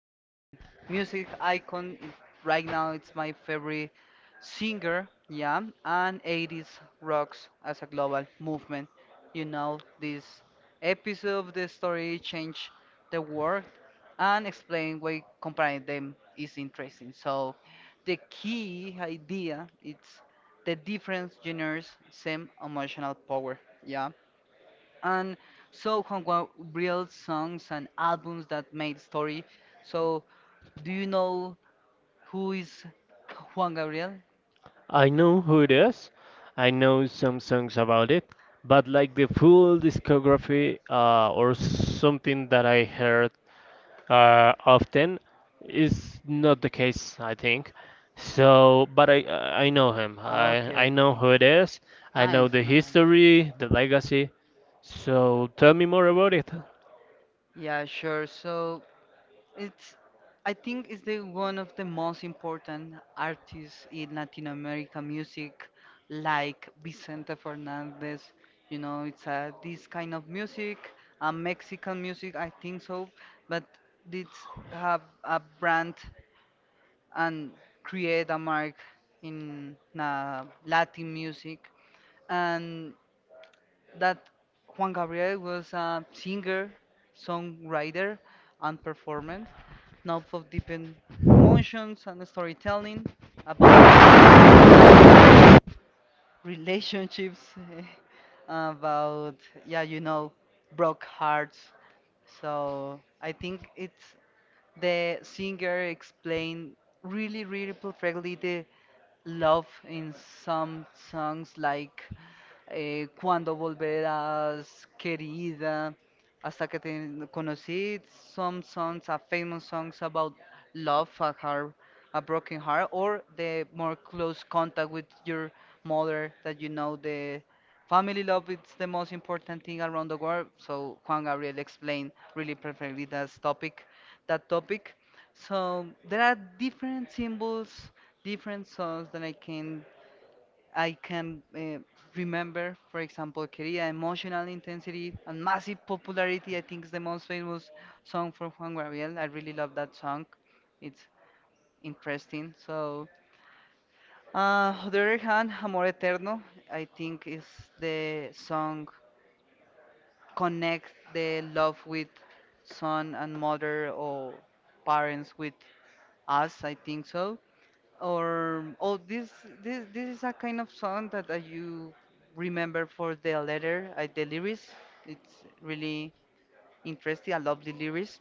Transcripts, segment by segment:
a Latin music icon. Right now it's my favorite singer, yeah, and 80s rocks as a global movement. You know, this episode of the story change the world and explain why comparing them is interesting. So the key idea is the different genres same emotional power. Yeah. And so Hongwa built songs and albums that made story. So do you know who is Juan Gabriel? I know who it is. I know some songs about it, but like the full discography or something that I heard often is not the case, I think. But I know him. Ah, I okay, know who it is. I know nice. the history, the legacy. So tell me more about it. Yeah, sure. So it's, I think, is the one of the most important artists in Latin America music, like Vicente Fernandez. You know, it's this kind of music, Mexican music, I think so. But it's have a brand and create a mark in Latin music, and that Juan Gabriel was a singer, songwriter, and performer now for deepen emotions and storytelling about life, about relationships, about yeah, you know, broke hearts. So I think it's the singer explained really, really perfectly the love in some songs like cuándo volverás, querida, hasta que te conocí. Some songs are famous songs about love, a heart, a broken heart, or the more close contact with your mother that you know the family love is the most important thing around the world. So Juan Gabriel explained really perfectly that topic, that topic. So there are different symbols, different songs that I can remember, for example, Querida, Emotional Intensity, and Massive Popularity. I think is the most famous song for Juan Gabriel. I really love that song. It's interesting. So, on the other hand, Amor Eterno, I think is the song connects the love with son and mother or parents with us. I think so. Or oh, this is a kind of song that you remember for the letter, the lyrics. It's really interesting. I love the lyrics.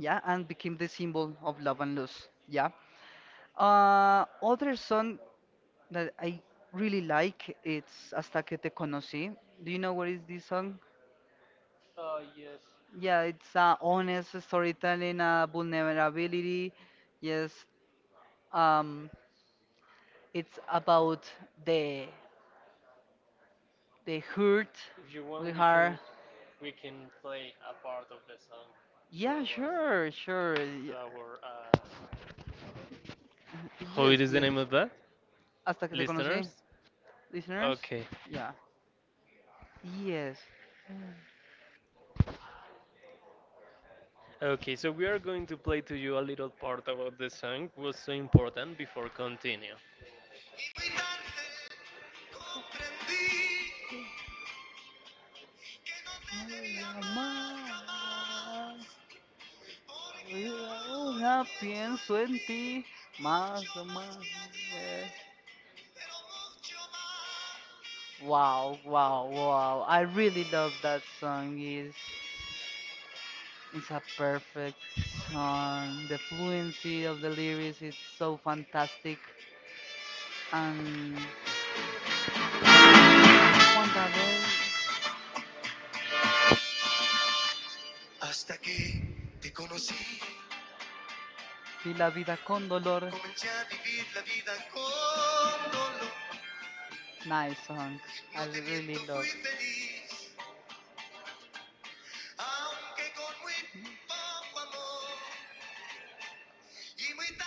Yeah, and became the symbol of love and loss. Yeah. Other song that I really like it's Hasta que te conocí. Do you know what is this song? Yes, Yeah, it's honest storytelling, vulnerability. Yes, um, it's about the they hurt if you really want, hard. we can play a part of the song Yeah, sure, sure, to yeah. our oh, it Yes, is the yes. name of that? Hasta que te conocí, listeners. Okay. Yeah. Yes. Okay, so we are going to play to you a little part about the song was so important before continue. Capaz no llamar, y ahora pienso en ti más o más, yeah. Wow, wow, wow. I really love that song. It's a perfect song. The fluency of the lyrics, it's so fantastic. And Juan Gabriel, "Vi la vida con dolor," nice song. I really love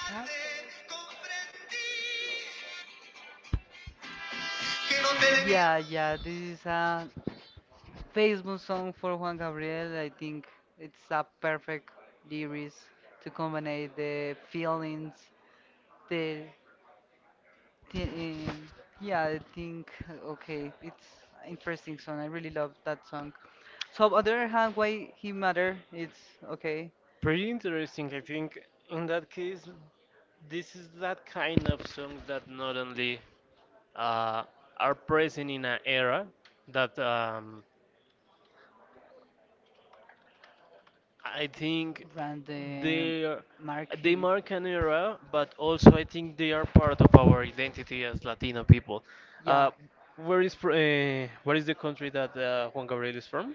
that. Yeah, yeah, this is a Facebook song for Juan Gabriel. I think it's a perfect lyrics to combine the feelings, the, the yeah, I think okay, it's interesting song. I really love that song. So on the other hand, why he matter? It's okay. Pretty interesting, I think. In that case, this is that kind of songs that not only uh, are present in an era that I think Random they are- mark they him. mark an era, but also I think they are part of our identity as Latino people. Uh, Yeah. uh, where is the country that Juan Gabriel is from?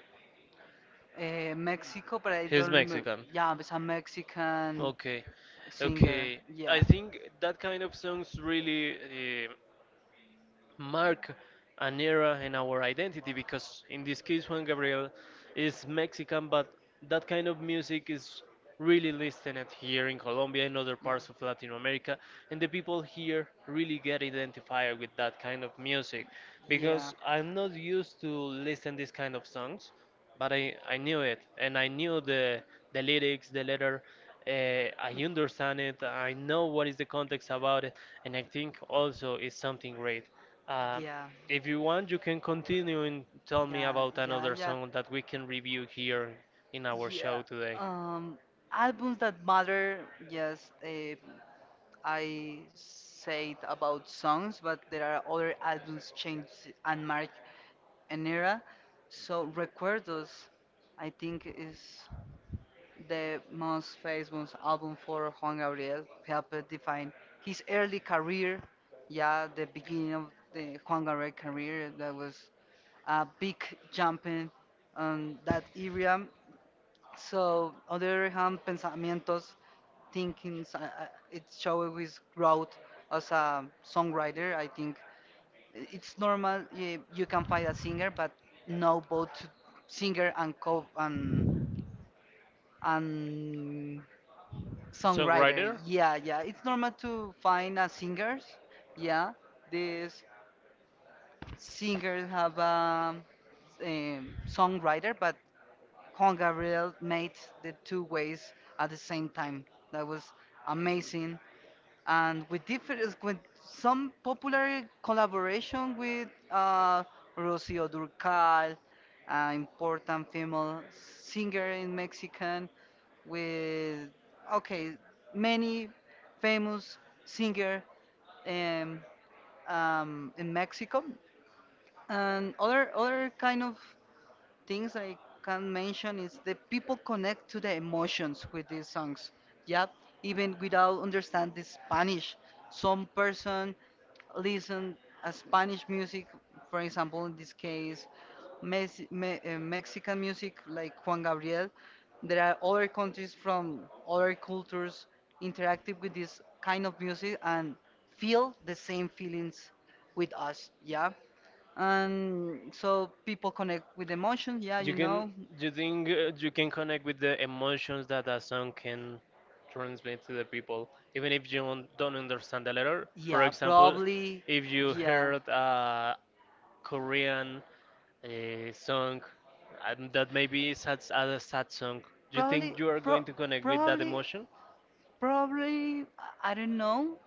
Mexico, but I don't remember. Yeah, it's a Mexican Okay, singer. okay. I Yeah. think that kind of songs really mark an era in our In identity, because in this case Juan is Gabriel is Mexican, but that kind of music is really listened here in Colombia and other parts of Latin America, and the people here really get identified with that kind of music I because I'm not used to listen this kind of songs, but I knew knew it the and I knew the lyrics, the letter. I understand it. I know what is the context about it, and I think also it's something great. Uh, yeah. if you want, you can continue and tell me Yeah, about yeah, another yeah, song that we can review here in our yeah. show today. Um, Albums that matter. Yes, eh, I said about songs, but there are other albums change and mark an era. So Recuerdos, I think, is the most famous album for Juan Gabriel. Helped define his early career. Yeah, the beginning of the Juan Gabriel career that was a big jumping on that era. So, on the other hand, pensamientos, thinkings, it shows his growth as a songwriter. I think it's normal you, you can find a singer, but no both singer and co and songwriter. Ryder, Yeah, yeah, it's normal to find a singers. Yeah, these singers have a songwriter, but Juan Gabriel made the two ways at the same time. That was amazing. And with different, with some popular collaboration with Rocío Durcal, important female singer in Mexican, with okay, many famous singer um, in Mexico, and other kind of things I can mention is the people connect to the emotions with these songs. Yeah, even without understanding Spanish, some person listen a Spanish music, for example, in this case, Mexican music like Juan Gabriel. There are other countries from other cultures interactive with this kind of music and feel the same feelings with us. Yeah, and so people connect with emotion, yeah, you know. do you think you can connect with the emotions that a song can transmit to the people, even if you don't understand the letter? Yeah, probably. If you Yeah. heard a Korean a song and that maybe is sad, a sad song. Do you Probably, think you are pro going to connect with probably, emotion? probably, I don't know,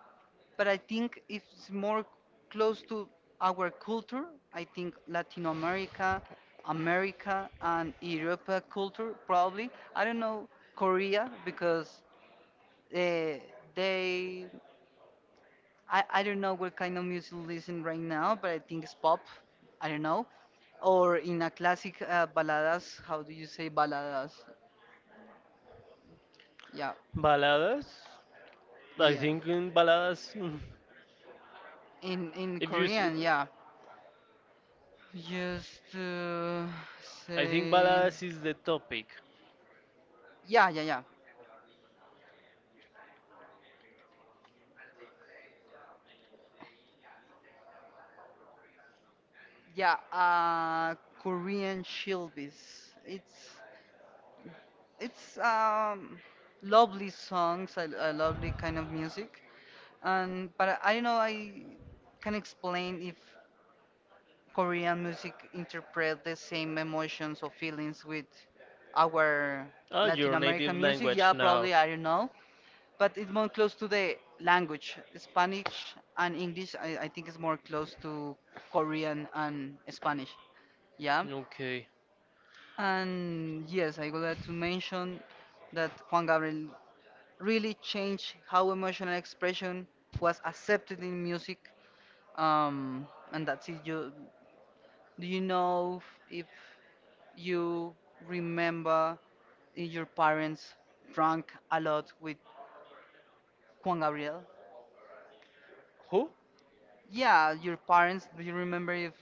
but I think it's more close to our culture. I think Latin America, America, and Europa culture, probably. I don't know Korea because uh, they I don't know what kind of music listen right now, but I think it's pop. I don't know. Or in a classic baladas, how do you say baladas? Yeah, Baladas? I yeah. think in baladas, In if you, s- Korean, yeah. Just I think say baladas is the topic. yeah, yeah, yeah, yeah. Korean shilbis. It's lovely songs, a lovely kind of music. And but I don't know. I can explain if Korean music interpret the same emotions or feelings with our Ah, Latin you're American music? Yeah, probably, I don't know. But it's more close to the language. Spanish and English, I think, is more close to Korean and Spanish. Yeah. okay. And yes, I would like to mention that Juan Gabriel really changed how emotional expression was accepted in music. And that's it. Do you know if you remember your parents drank a lot with Juan Gabriel? Who? Yeah, your parents. Do you remember if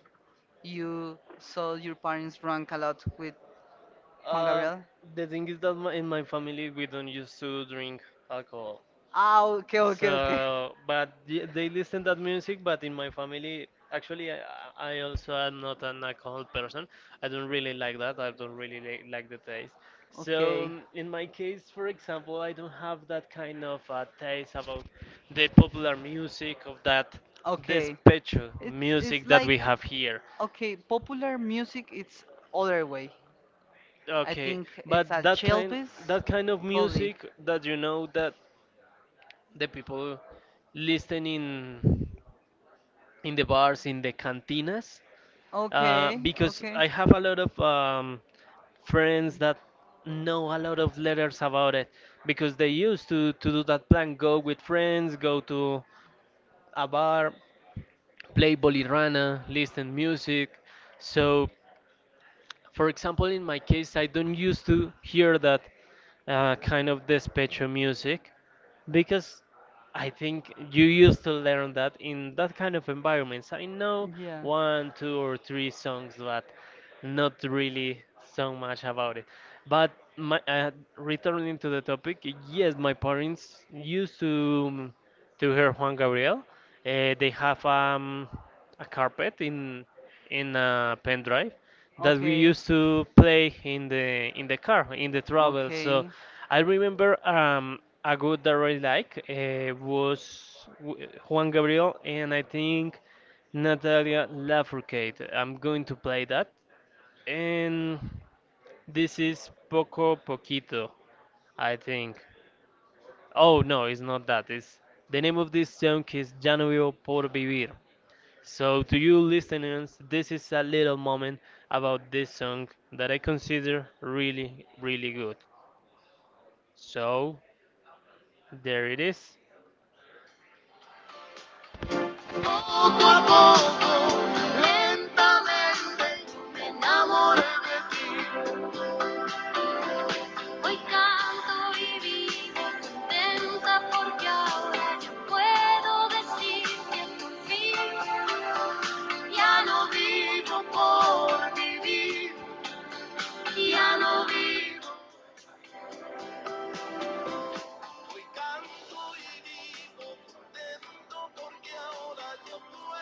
you saw your parents drunk a lot with Juan Um, Gabriel? the thing is that in my family we don't used to drink alcohol. Ah, okay, okay, okay. But they listen that music. But in my family, actually, I also am not an alcohol person. I don't really like that. I don't really like the taste. So Okay, um, in my case, for example, I don't have that kind of taste about the popular music of that okay. despecho It's music that we like have here. okay, popular music. It's other way. I Okay, think it's a but Chelvis, that kind of probably. music that you know that the people listen in the bars in the cantinas Okay, because okay. I have a lot of friends that know a lot of letters about it because they used to do that plan go with friends, go to a bar, play bolirana, listen music. So, for example, in my case, I don't used to hear that kind of despecho music because I think you used to learn that in that kind of environments. I know Yeah. one, two, or three songs, but not really so much about it. But returning to the topic, yes, my parents used to hear Juan Gabriel. They have a carpet in a pen drive that we Okay. used to play in the car in the travel. So Okay. I remember a good that I really like was Juan Gabriel and I think Natalia Lafourcade. I'm going to play that. And this is Poco Poquito, I think. Oh no, it's not that. It's the name of this song is Ya no vivo por vivir. So to you listeners, this is a little moment about this song that I consider really, really good. So there it is. Poco a poco, lentamente, me enamoré de ti. Hoy canto y vivo contenta porque ahora yo puedo decir que por fin ya no vivo por vivir, ya no vivo,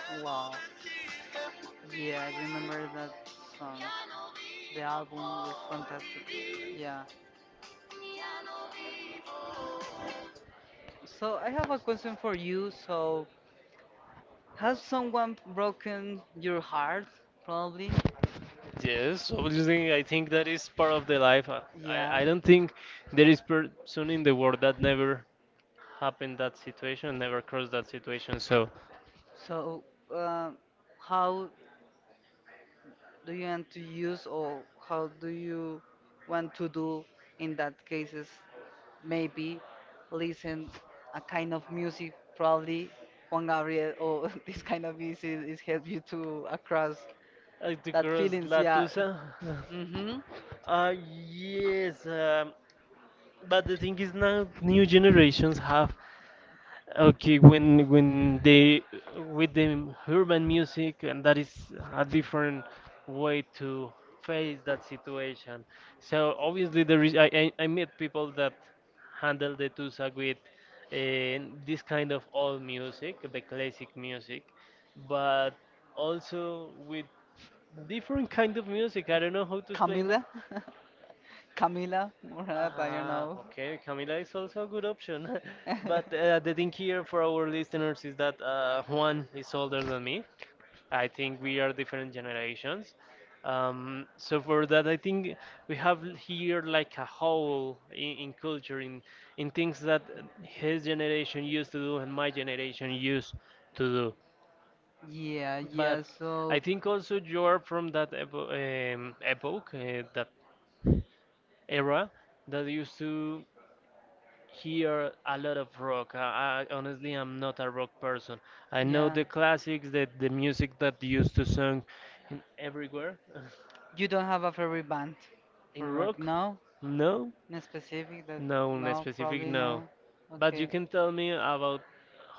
Wow. Yeah, I remember that song. ya no The vivo album was por fantastic. vivir, Yeah. ya no vivo. So I have a question for you. So has someone broken your heart? Probably. Yes, obviously, I think that is part of the life. I, I Yeah. I don't think there is person in the world that never happened that situation, never crossed that situation. So, So um, how do you want to use or how do you want to do in that cases? Maybe listen a kind of music. Probably Juan Gabriel or this kind of music is help you to across to that cross, feelings. Yeah. uh, Mhm. uh, yes, but the thing is now new generations have okay, when they with the urban music and that is a different way to face that situation. So obviously there is I meet people that handle the tusa with this kind of old music, the classic music, but also with different kind of music. I don't know how to explain Camila, Camila Murat, I don't ah, know. okay, Camila is also a good option. But the thing here for our listeners is that Juan is older than me. I think we are different generations. So for that, I think we have here like a hole in culture, in things that his generation used to do and my generation used to do. Yeah, But yeah, I so. think also you are from that epoch, that era that used to hear a lot of rock. I honestly am not a rock person. I know Yeah. the classics, the music that used to sung in everywhere. You don't have a favorite band In for rock? rock, No? no, No specific that no, in no, specific, probably no. no. But you Okay. can tell me about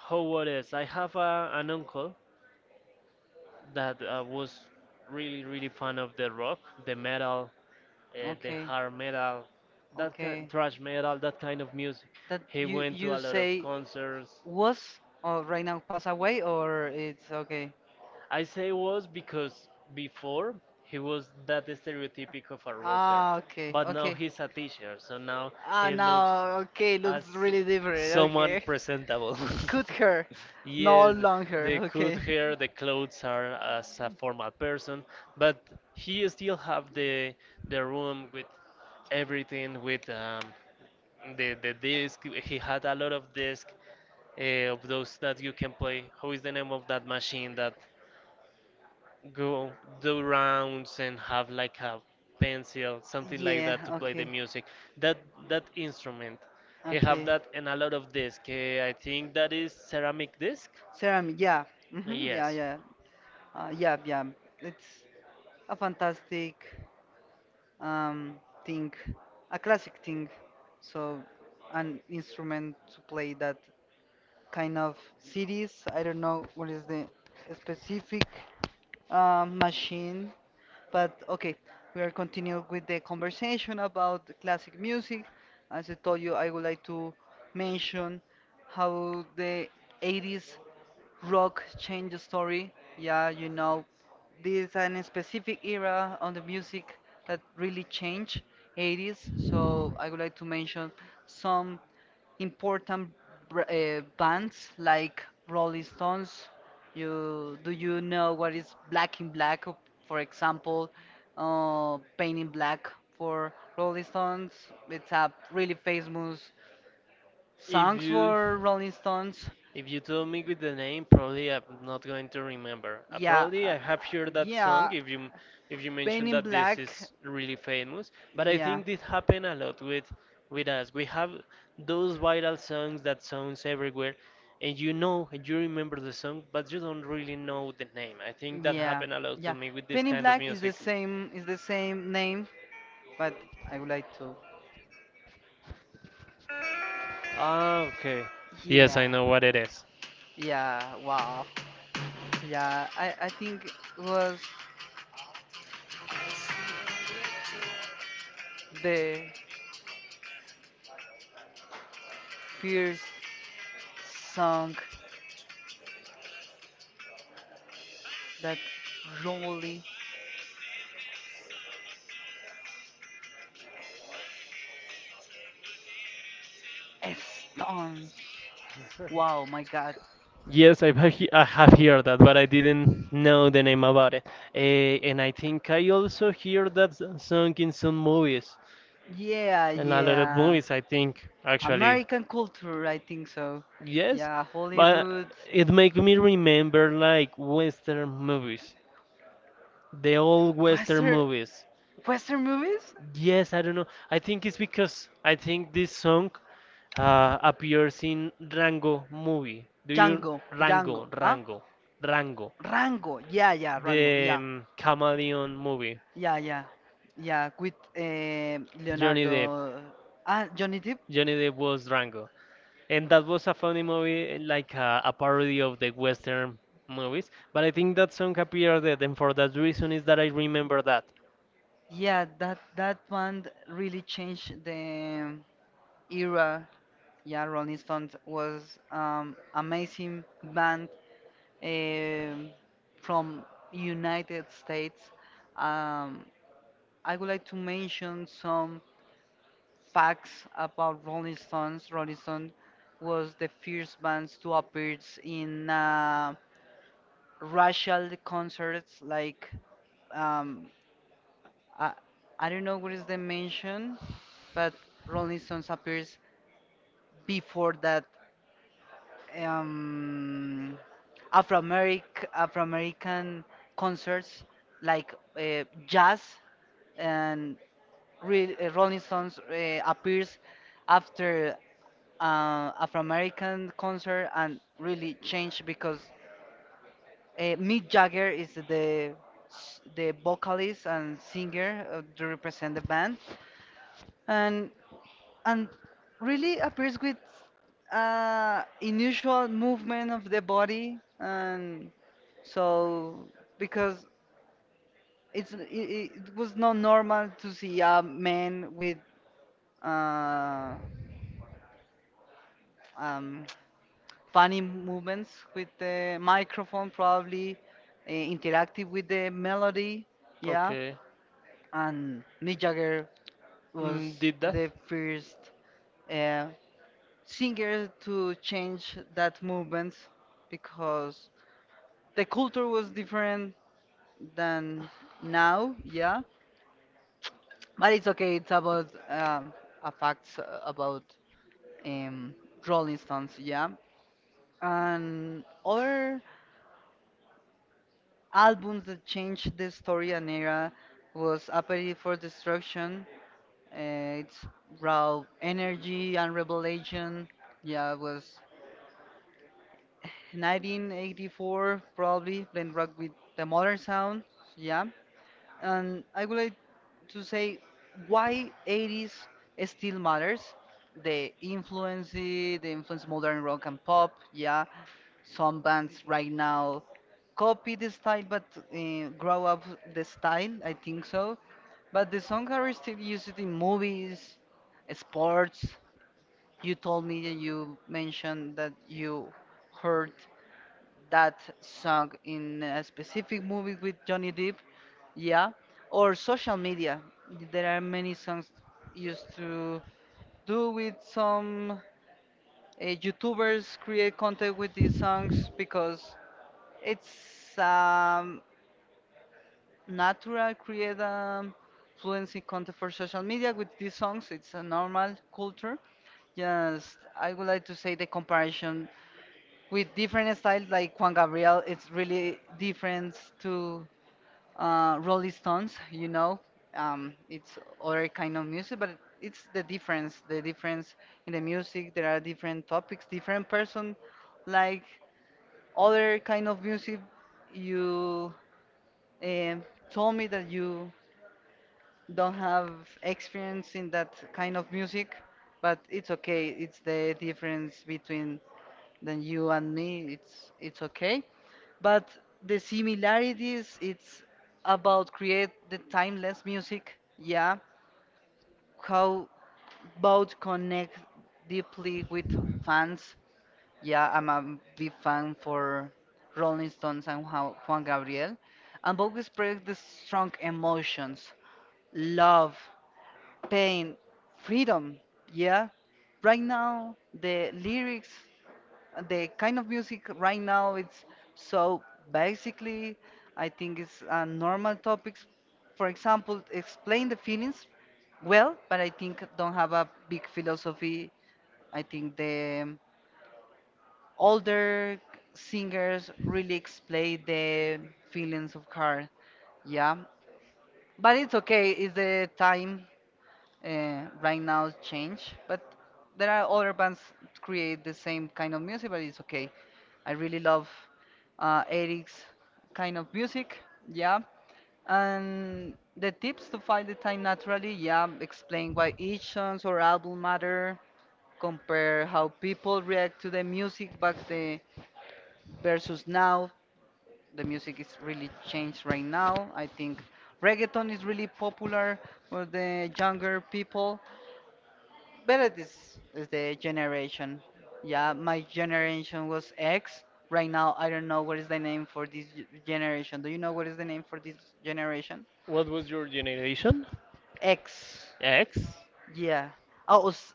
how what is. I have an uncle that was really, really fan of the rock, the metal, the Okay. hard metal, that kind, Okay. thrash metal, that kind of music. That you say Concerts, was or right now pass away or it's okay. I say was because before he was that stereotypic of a. Ah, okay, Now okay. he's a teacher, so now Ah, now okay, looks really different. someone Okay. presentable. Cut hair, You no long hair. put Okay. here the clothes are as a formal person, but he still have the room with everything with the disc. He had a lot of disc of those that you can play. How is the name of that machine that? Go do rounds and have like a pencil, something like Yeah, that to play the okay. music. That that instrument, he have Okay. that and a lot of disc. Eh, I think that is ceramic disc. Ceramic, yeah. Hmm. Yeah, yeah. Yeah, yeah. It's a fantastic um, thing, a classic thing. So, an instrument to play that kind of series. I don't know what is the specific machine, but okay, we are continuing with the conversation about the classic music. As I told you, I would like to mention how the 80s rock changed the story. Yeah, you know, this is a specific era on the music that really changed 80s. So I would like to mention some important bands like Rolling Stones. You Do you know what is Black in Black, for example, Paint in Black for Rolling Stones. It's a really famous songs for Rolling Stones. If you told me with the name, probably I'm not going to remember. Yeah, Probably I have heard that song yeah, if you Paint in Black. is really famous. But I Yeah. think this happen a lot with us. We have those viral songs that sounds everywhere, and you know and you remember the song, but you don't really know the name. I think that Yeah, happened a lot yeah. to me with Penny Black is the same name, but I would like to. ah, okay. Yes, Yeah. I know what it is. Yeah, wow. Yeah, I think it was the first song that really stuns. Wow, my God. Yes, I've he I have heard that, but I didn't know the name about it. And I think I also hear that song in some movies, Yeah, in a lot of yeah. movies, I think, actually. American culture, I think so. Yes, Yeah, uh, Hollywood. it make me remember like Western movies, the old Western Western, movies. Western movies? Yes, I don't know. I think it's because I think this song appears in Rango movie. Django, Django, Rango, huh? Rango, Rango, the yeah. Chameleon movie. Yeah, yeah, yeah. With Leonardo, ah, Johnny Depp. Johnny Depp was Rango, and that was a funny movie, eh, like a parody of the Western movies. But I think that song appeared, there, and for that reason is that I remember that. Yeah, that that one really changed the era. Yeah, Rolling Stones was amazing band um from United States. Um, I would like to mention some facts about Rolling Stones. Rolling Stone was the first band to appear in. Racial concerts like um I, I don't know what is the mention but Rolling Stones appears before that um Afro American concerts like jazz and Rolling Stones appears after Afro American concert and really changed because Mick Jagger is the the vocalist and singer to represent the band, and and really appears with unusual movement of the body, and so because it's it, it it was not normal to see a man with uh, um, funny movements with the microphone, probably interactive with the melody, yeah, Eh, and Mick Jagger Mm, was did the first uh, singer to change that movement because the culture was different than now, yeah. But it's okay, it's about a facts about um, Rolling Stones, yeah. And other albums that changed the story and era was Appetite for Destruction. It's raw energy and revelation. Yeah, it was 1984 probably blend rock with the modern sound. Yeah, and I would like to say why 80s still matters. The influence modern rock and pop, yeah. Some bands right now copy the style but grow up the style, I think so. But the song are still used in movies, sports. You told me that you mentioned that you heard that song in a specific movie with Johnny Depp, yeah, or social media. There are many songs used to do with some YouTubers create content with these songs because it's natural create fluency content for social media with these songs. It's a normal culture. Just I would like to say the comparison with different styles like Juan Gabriel it's really different to Rolling Stones. It's other kind of music but it's the difference in the music. There are different topics, different person, like other kind of music. You um told me that you don't have experience in that kind of music, but it's okay, it's the difference between than you and me, it's okay. But the similarities it's about create the timeless music, yeah. How about connect deeply with fans? Yeah, I'm a big fan for Rolling Stones and Juan Gabriel, and both express the strong emotions: love, pain, freedom, yeah. Right now the lyrics, the kind of music right now, it's so basically, I think it's normal topics, for example explain the feelings well, but I think don't have a big philosophy. I think the older singers really explain the feelings of her, yeah. But it's okay, it's the time, right now change, but there are other bands create the same kind of music, but it's okay. I really love Eric's kind of music, yeah. And the tips to find the time naturally, yeah, explain why each songs or album matter, compare how people react to the music back the versus now. The music is really changed right now. I think reggaeton is really popular for the younger people, but this is the generation. Yeah, my generation was X. Right now, I don't know what is the name for this generation. Do you know what is the name for this generation? What was your generation? X. X. Yeah. Oh,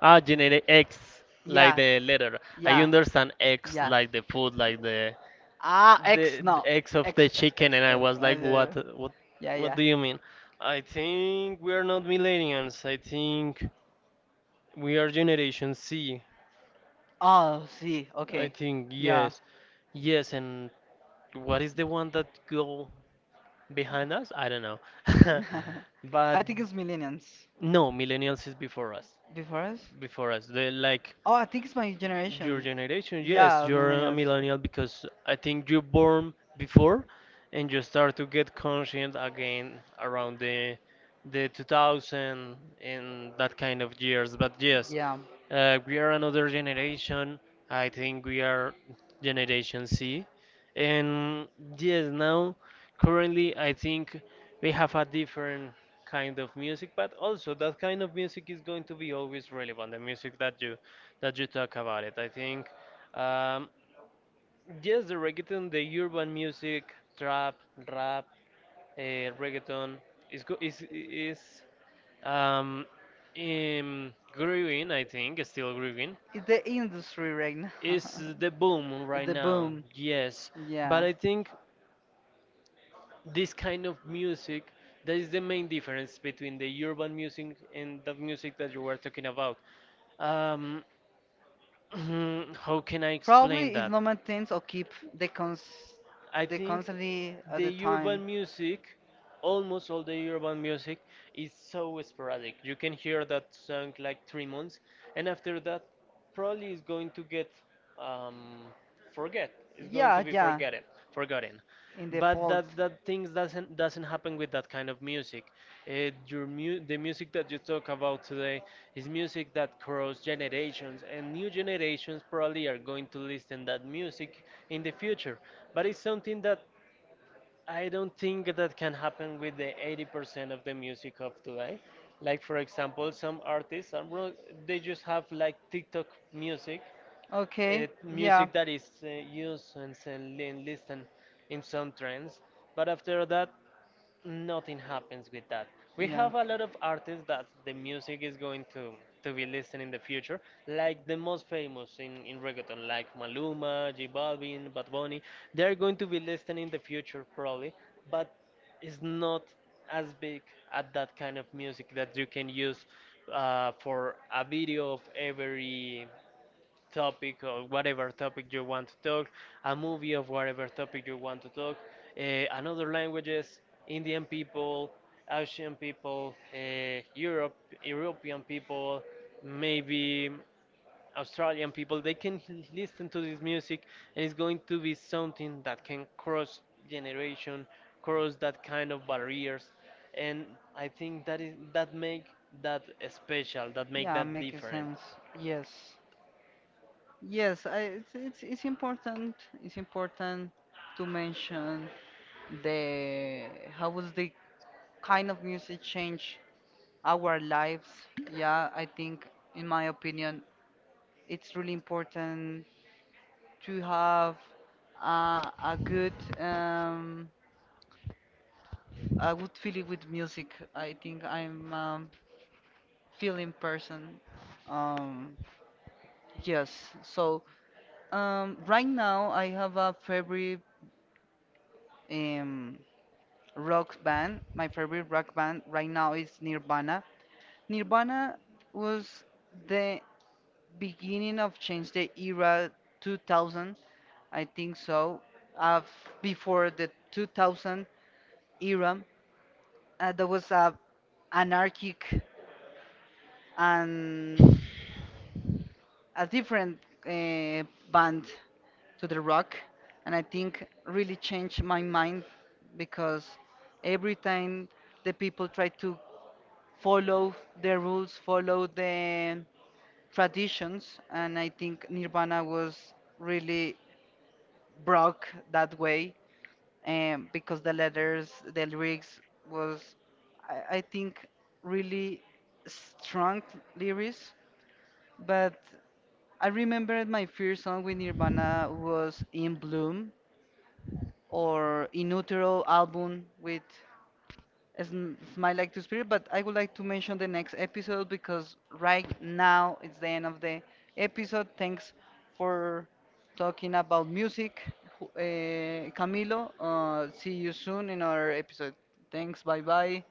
Ah, generate X, like yeah. the letter. I Yeah. understand X, Yeah. like the food, like the Ah, X, no. X, X, chicken, X. and I was like, uh, what? What yeah, yeah. do you mean? I think we are not millennials. I think we are Generation C. Oh, see. I Okay. think Yeah. yes. Yes, and what is the one that go behind us? I don't know. But I think it's millennials. no, millennials is before us. Before us? Before us, the like Oh, I think it's my your generation. generation, Yeah, you're a millennials. millennial because I think you born before and you start to get conscient again around the 2000 and that kind of years. But yes, Yeah, we are another generation. I think we are Generation C. And yes, now currently I think we have a different kind of music, but also that kind of music is going to be always relevant. The music that you talk about it. I think um, yes, the reggaeton, the urban music, trap, rap, uh, reggaeton is um, growing. I think it's still growing. it's the industry right now. Is the boom right The now? boom. Yes, but Yeah. I think this kind of music that is the main difference between the urban music and the music that you were talking about. Um, how can Probably it's not maintained or keep the cons I the think constantly at the the time. urban music, almost all the urban music, is so sporadic. You can hear that song like 3 months, and after that, probably is going to get um, forget, Yeah, yeah. forget it, forgotten. In the But fault. That things doesn't happen with that kind of music. The music that you talk about today is music that cross generations, and new generations probably are going to listen that music in the future. But it's something that I don't think that can happen with the 80% of the music of today. Like for example, some artists are they just have like TikTok music, the Okay. music that is used and, s- and li- and listen in some trends. But after that, nothing happens with that. We have a lot of artists that the music is going to be listened in the future, like the most famous in reggaeton, like Maluma, J Balvin, Bad Bunny. They are going to be listened in the future probably, but it's not as big at that kind of music that you can use for a video of every topic or whatever topic you want to talk, a movie of whatever topic you want to talk, uh, another languages, Indian people, Asian people, Europe, European people, maybe Australian people. They can listen to this music, and it's going to be something that can cross generation, cross that kind of barriers, and I think that is that make that special, that make Yeah, that makes different. sense. Yes. Yes, I, it's important to mention the how was the kind of music change our lives. Yeah, I think in my opinion it's really important to have uh, a good um a good feeling with music. I think I'm feeling person. Um Yes. So right now I have a favorite um, rock band. My favorite rock band right now is Nirvana. Nirvana was the beginning of change the era 2000, I think so. Of before the 2000 era, there was a anarchic and a different uh, band to the rock, and I think really changed my mind because every time the people try to follow the rules, follow the traditions, and I think Nirvana was really broke that way because the letters, the lyrics was, I think, really strong lyrics. But I remember my first song with Nirvana was In Bloom or In Utero album with Smile Like to Spirit, but I would like to mention the next episode because right now it's the end of the episode. Thanks for talking about music, Camilo. See you soon in our episode. Thanks, bye bye.